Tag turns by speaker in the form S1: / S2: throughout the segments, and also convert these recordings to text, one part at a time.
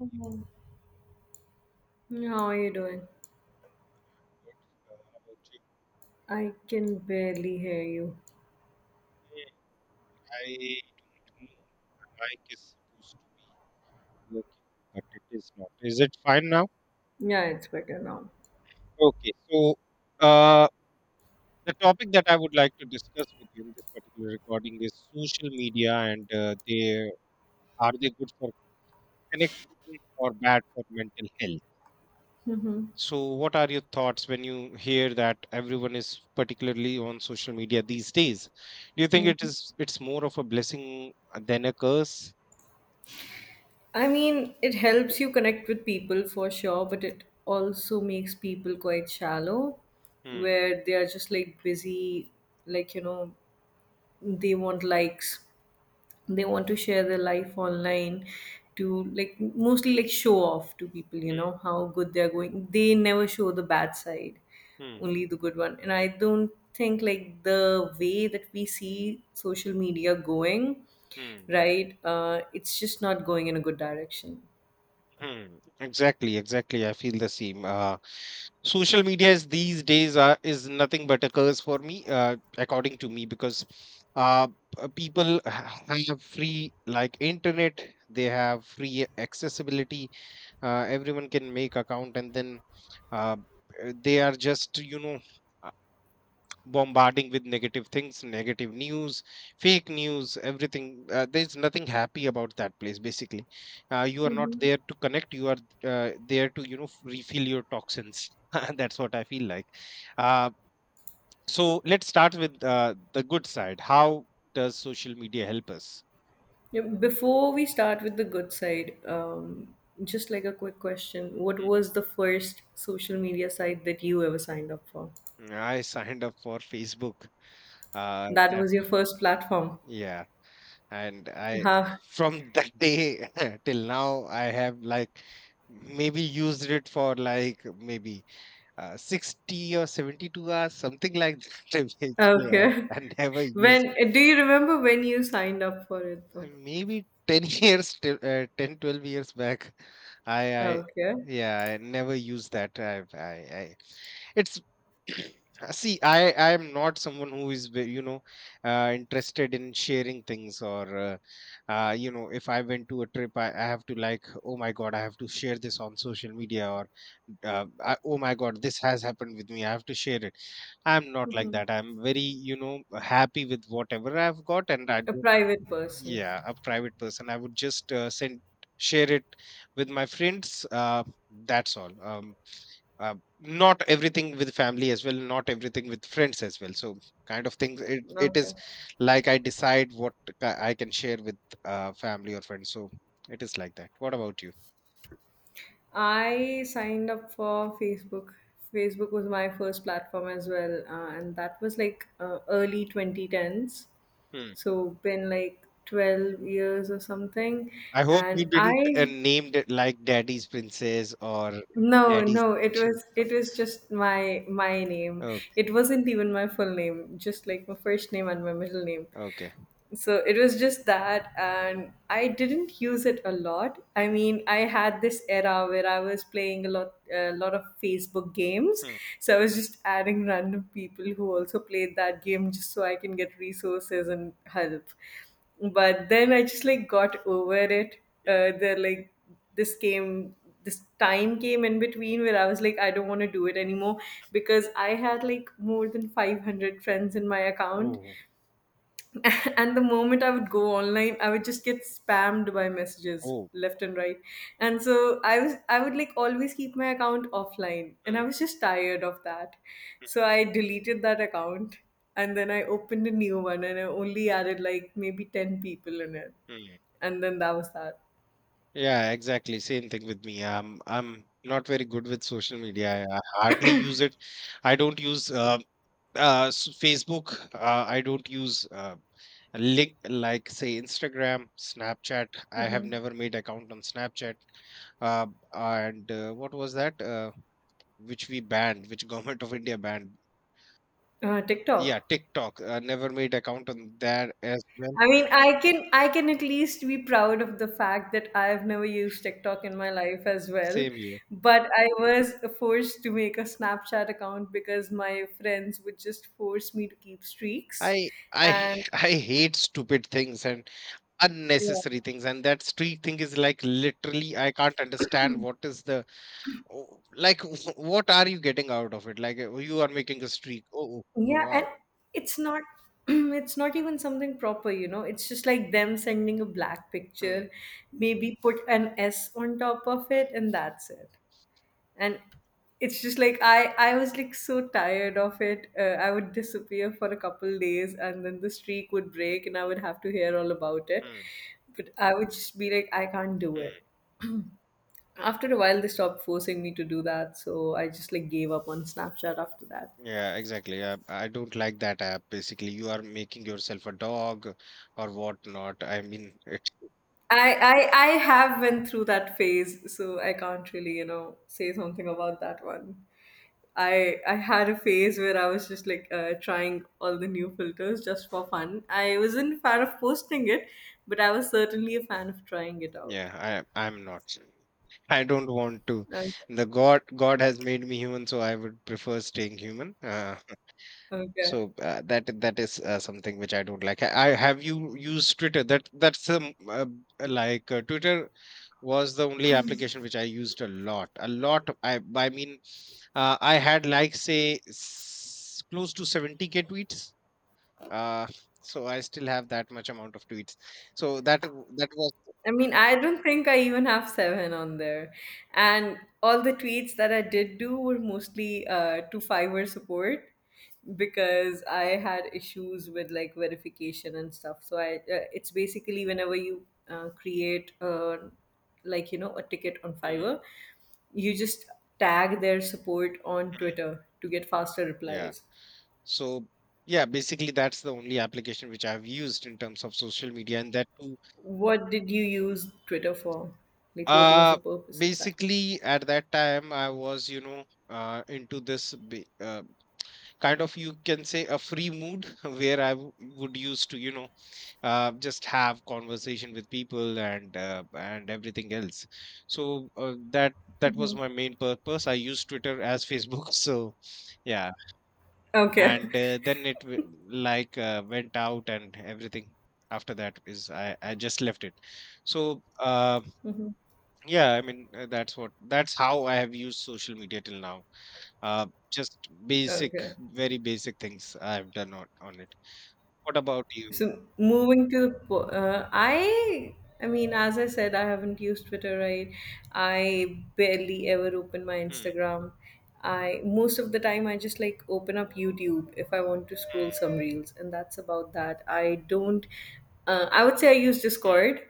S1: Mhm. How are you doing?
S2: Good. How about you?
S1: I can barely hear you.
S2: Hmm, I don't know. My mic is supposed to be working, but it is not. Is it fine now?
S1: Yeah, it's better now.
S2: Okay. So, uh, the topic that I would like to discuss with you in this particular recording is social media, and they are they good for connection or bad for mental health? So, what are your thoughts when you hear that everyone is particularly on social media these days? Do you think it
S1: Mhm.
S2: is it's more of a blessing than a curse?
S1: I mean, it helps you connect with people for sure, but it also makes people quite shallow,
S2: Hmm.
S1: where they are just like busy, like, you know, they want likes. They want to share their life online to like mostly like show off to people how good they're going. They never show the bad side,
S2: Hmm.
S1: only the good one. And I don't think like the way that we see social media going
S2: Hmm.
S1: right, it's just not going in a good direction.
S2: Hmm. Exactly. Exactly. I feel the same. Social media is these days are, is nothing but a curse for me, according to me, because uh, people have free like internet. They have free accessibility. Everyone can make account, and then uh, they are just. Bombarding with negative things, negative news, fake news, everything. There's nothing happy about that place, basically. You are not
S1: Mm-hmm.
S2: there to connect, you are there to refill your toxins. That's what I feel like. uh, so let's start with the good side. How does social media help us?
S1: Yeah, before we start with the good side, just like a quick question, what was the first social media site that you ever signed up for?
S2: I signed up for Facebook.
S1: That
S2: That.
S1: was your first platform.
S2: Yeah. And I,
S1: Huh.
S2: from that day till now, I have like maybe used it for like maybe 60 or 72 hours, something like that. Basically, I,
S1: Okay.
S2: I never used
S1: When do you remember when you signed up for it though?
S2: maybe 10 years, till, 10, 12 years back. I, I,
S1: Okay.
S2: yeah, I never used that. I it's See, I am not someone who is interested in sharing things, or uh, if I went to a trip, I have to like, oh my god, I have to share this on social media, or oh my god, this has happened with me, I have to share it. I'm not like
S1: Hmm.
S2: that. I'm very happy with whatever I've got, and I
S1: A
S2: don't.
S1: private person.
S2: Yeah, a private person. I would just send share it with my friends. That's all. Not everything with family as well, not everything with friends as well, so kind of things, it is
S1: Okay.
S2: like I decide what I can share with family or friends. So it is like that. What about you?
S1: I signed up for Facebook. Facebook was my first platform as well, and that was like early 2010s.
S2: Hmm.
S1: So been like 12 years or something,
S2: I hope you
S1: and
S2: didn't
S1: I
S2: named it like daddy's princess or
S1: No,
S2: daddy's
S1: no,
S2: angel, so.
S1: it was just my name.
S2: Oh.
S1: It wasn't even my full name, just like my first name and my middle name,
S2: Okay.
S1: so it was just that. And I didn't use it a lot. I
S2: Hmm.
S1: mean, I had this era where I was playing a lot of Facebook games,
S2: Hmm.
S1: so I was just adding random people who also played that game just so I can get resources and help, but then I just like got over it. Uh,
S2: Hmm.
S1: there like this came this time came in between where I was like I don't want to do it anymore, because I had like more than 500 friends in my account.
S2: Oh.
S1: And the moment I would go online I would just get spammed by messages
S2: Oh.
S1: left and right, and so I would like always keep my account offline and I
S2: Hmm.
S1: was just tired of that. So I deleted that account, and then I opened a new one and I only added like maybe 10 people in it,
S2: Hmm.
S1: and then that was that.
S2: Yeah, exactly, same thing with me. I'm not very good with social media. I hardly use it. I don't use Facebook. I don't use link like say Instagram, Snapchat. I have never made account on Snapchat. uh, and what was that? Which we banned, which government of India banned?
S1: TikTok.
S2: Yeah, TikTok. Never made account on that as well.
S1: I mean, I can, I can at least be proud of the fact that I've never used TikTok in my life as well,
S2: Same here.
S1: but I was forced to make a Snapchat account because my friends would just force me to keep streaks,
S2: I
S1: and
S2: I hate stupid things and unnecessary
S1: yeah,
S2: things. And that street thing is like, literally, I can't understand what is the. Oh, like what are you getting out of it? Like, you are making a streak. Oh, oh,
S1: yeah, and
S2: wow.
S1: it's not it's not even something proper, you know. It's just like them sending a black
S2: Hmm.
S1: picture, maybe put an S on top of it,
S2: Hmm.
S1: and that's it. And it's just like I was like so tired of it. I would disappear for a couple days and then the streak would break and I would have to hear all about it,
S2: Hmm.
S1: but I would just be like I can't do it.
S2: Hmm.
S1: After a while they stopped forcing me to do that, so I just like gave up on Snapchat after that.
S2: Yeah, exactly. I don't like that app. Basically, you are making yourself a dog or whatnot. I mean, it.
S1: I have went through that phase so I can't really, you know, say something about that one. I had a phase where I was just like trying all the new filters just for fun. I wasn't a fan of posting it, but I was certainly a fan of trying it out.
S2: Yeah, I'm not. I don't want to.
S1: Okay.
S2: The God has made me human, so I would prefer staying human.
S1: Okay.
S2: So that is something which I don't like. Have you used Twitter? That's like Twitter was the only application which I used a lot. A lot. I mean, I had like say close to 70K tweets. Uh, so I still have that much amount of tweets. So that was.
S1: I mean, I don't think I even have seven on there. And all the tweets that I did do were mostly to Fiverr support, because I had issues with like verification and stuff. So I, it's basically whenever you create a, like you know, a ticket on Fiverr,
S2: Hmm.
S1: you just tag their support on
S2: Hmm.
S1: Twitter to get faster
S2: Yeah.
S1: replies.
S2: So yeah, basically that's the only application which I've used in terms of social media, and that too.
S1: What did you use Twitter for? Like, what was the
S2: Uh,
S1: purpose exactly?
S2: Basically, at that time, I was, into this kind of you can say a free mood where I would used to, just have conversation with people and everything else. So that was my main purpose. I use Twitter as Facebook. So yeah,
S1: Okay.
S2: and then it like went out and everything. After that is I just left it. So
S1: Hmm.
S2: yeah, I mean, that's how I have used social media till now. Just basic,
S1: Okay.
S2: very basic things I've done on it. What about you?
S1: So moving to the, I mean, as I said, I haven't used Twitter, right? I barely ever open my
S2: Hmm.
S1: Instagram. I Most of the time I just like open up YouTube if I want to scroll
S2: Hmm.
S1: some reels, and that's about that. I don't. I would say I use
S2: Hmm.
S1: Discord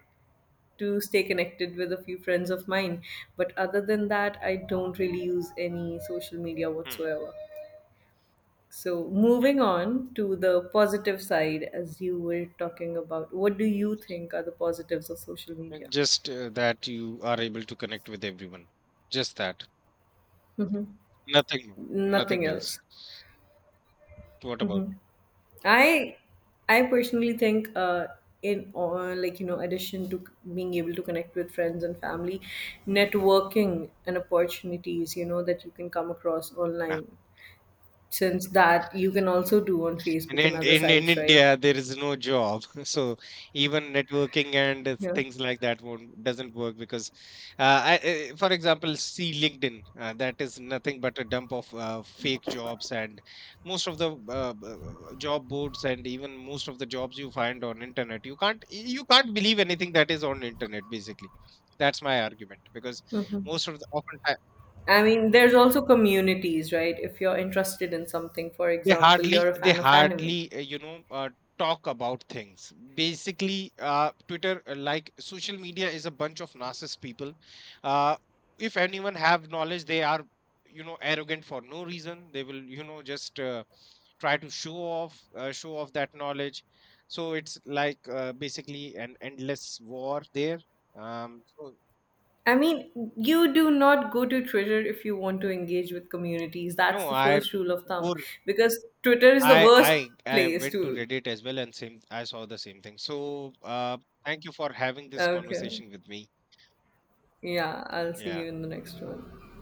S1: to stay connected with a few friends of mine, but other than that, I don't really use any social media
S2: Hmm.
S1: whatsoever. So,
S2: Hmm.
S1: moving on to the positive side, as you were talking about, what do you think are the positives of social media?
S2: Just that you are able to connect with everyone. Just that.
S1: Hmm.
S2: Nothing,
S1: Nothing
S2: nothing
S1: else.
S2: else. What about
S1: I, I personally think, in or like you know, addition to being able to connect with friends and family, networking and opportunities, you know, that you can come across
S2: you?
S1: online. Since that you can also do on
S2: And
S1: Facebook and
S2: in,
S1: other
S2: in in
S1: sites, right?
S2: India, there is no job, so even networking and
S1: Yeah.
S2: things like that won't doesn't work because, uh, for example, see LinkedIn. That is nothing but a dump of fake jobs, and most of the job boards, and even most of the jobs you find on internet. You can't believe anything that is on internet. Basically, that's my argument because most of the often.
S1: I mean, there's also communities, right? If you're interested in something, for
S2: They
S1: example, you're
S2: hardly
S1: a
S2: they
S1: fan of anime.
S2: hardly talk about things. Basically, Twitter, like social media is a bunch of narcissist people. Uh, if anyone have knowledge, they are arrogant for no reason. They will just try to show off that knowledge. So it's like, basically an endless war there. So
S1: I mean, you do not go to Twitter if you want to engage with communities. That's
S2: no,
S1: the first rule of thumb
S2: go
S1: because Twitter is the
S2: I
S1: worst
S2: I I
S1: place
S2: went to
S1: to.
S2: Reddit as well, and same, I saw the same thing. So thank you for having this
S1: Okay.
S2: conversation with me.
S1: Yeah, I'll see
S2: Yeah.
S1: you in the next one.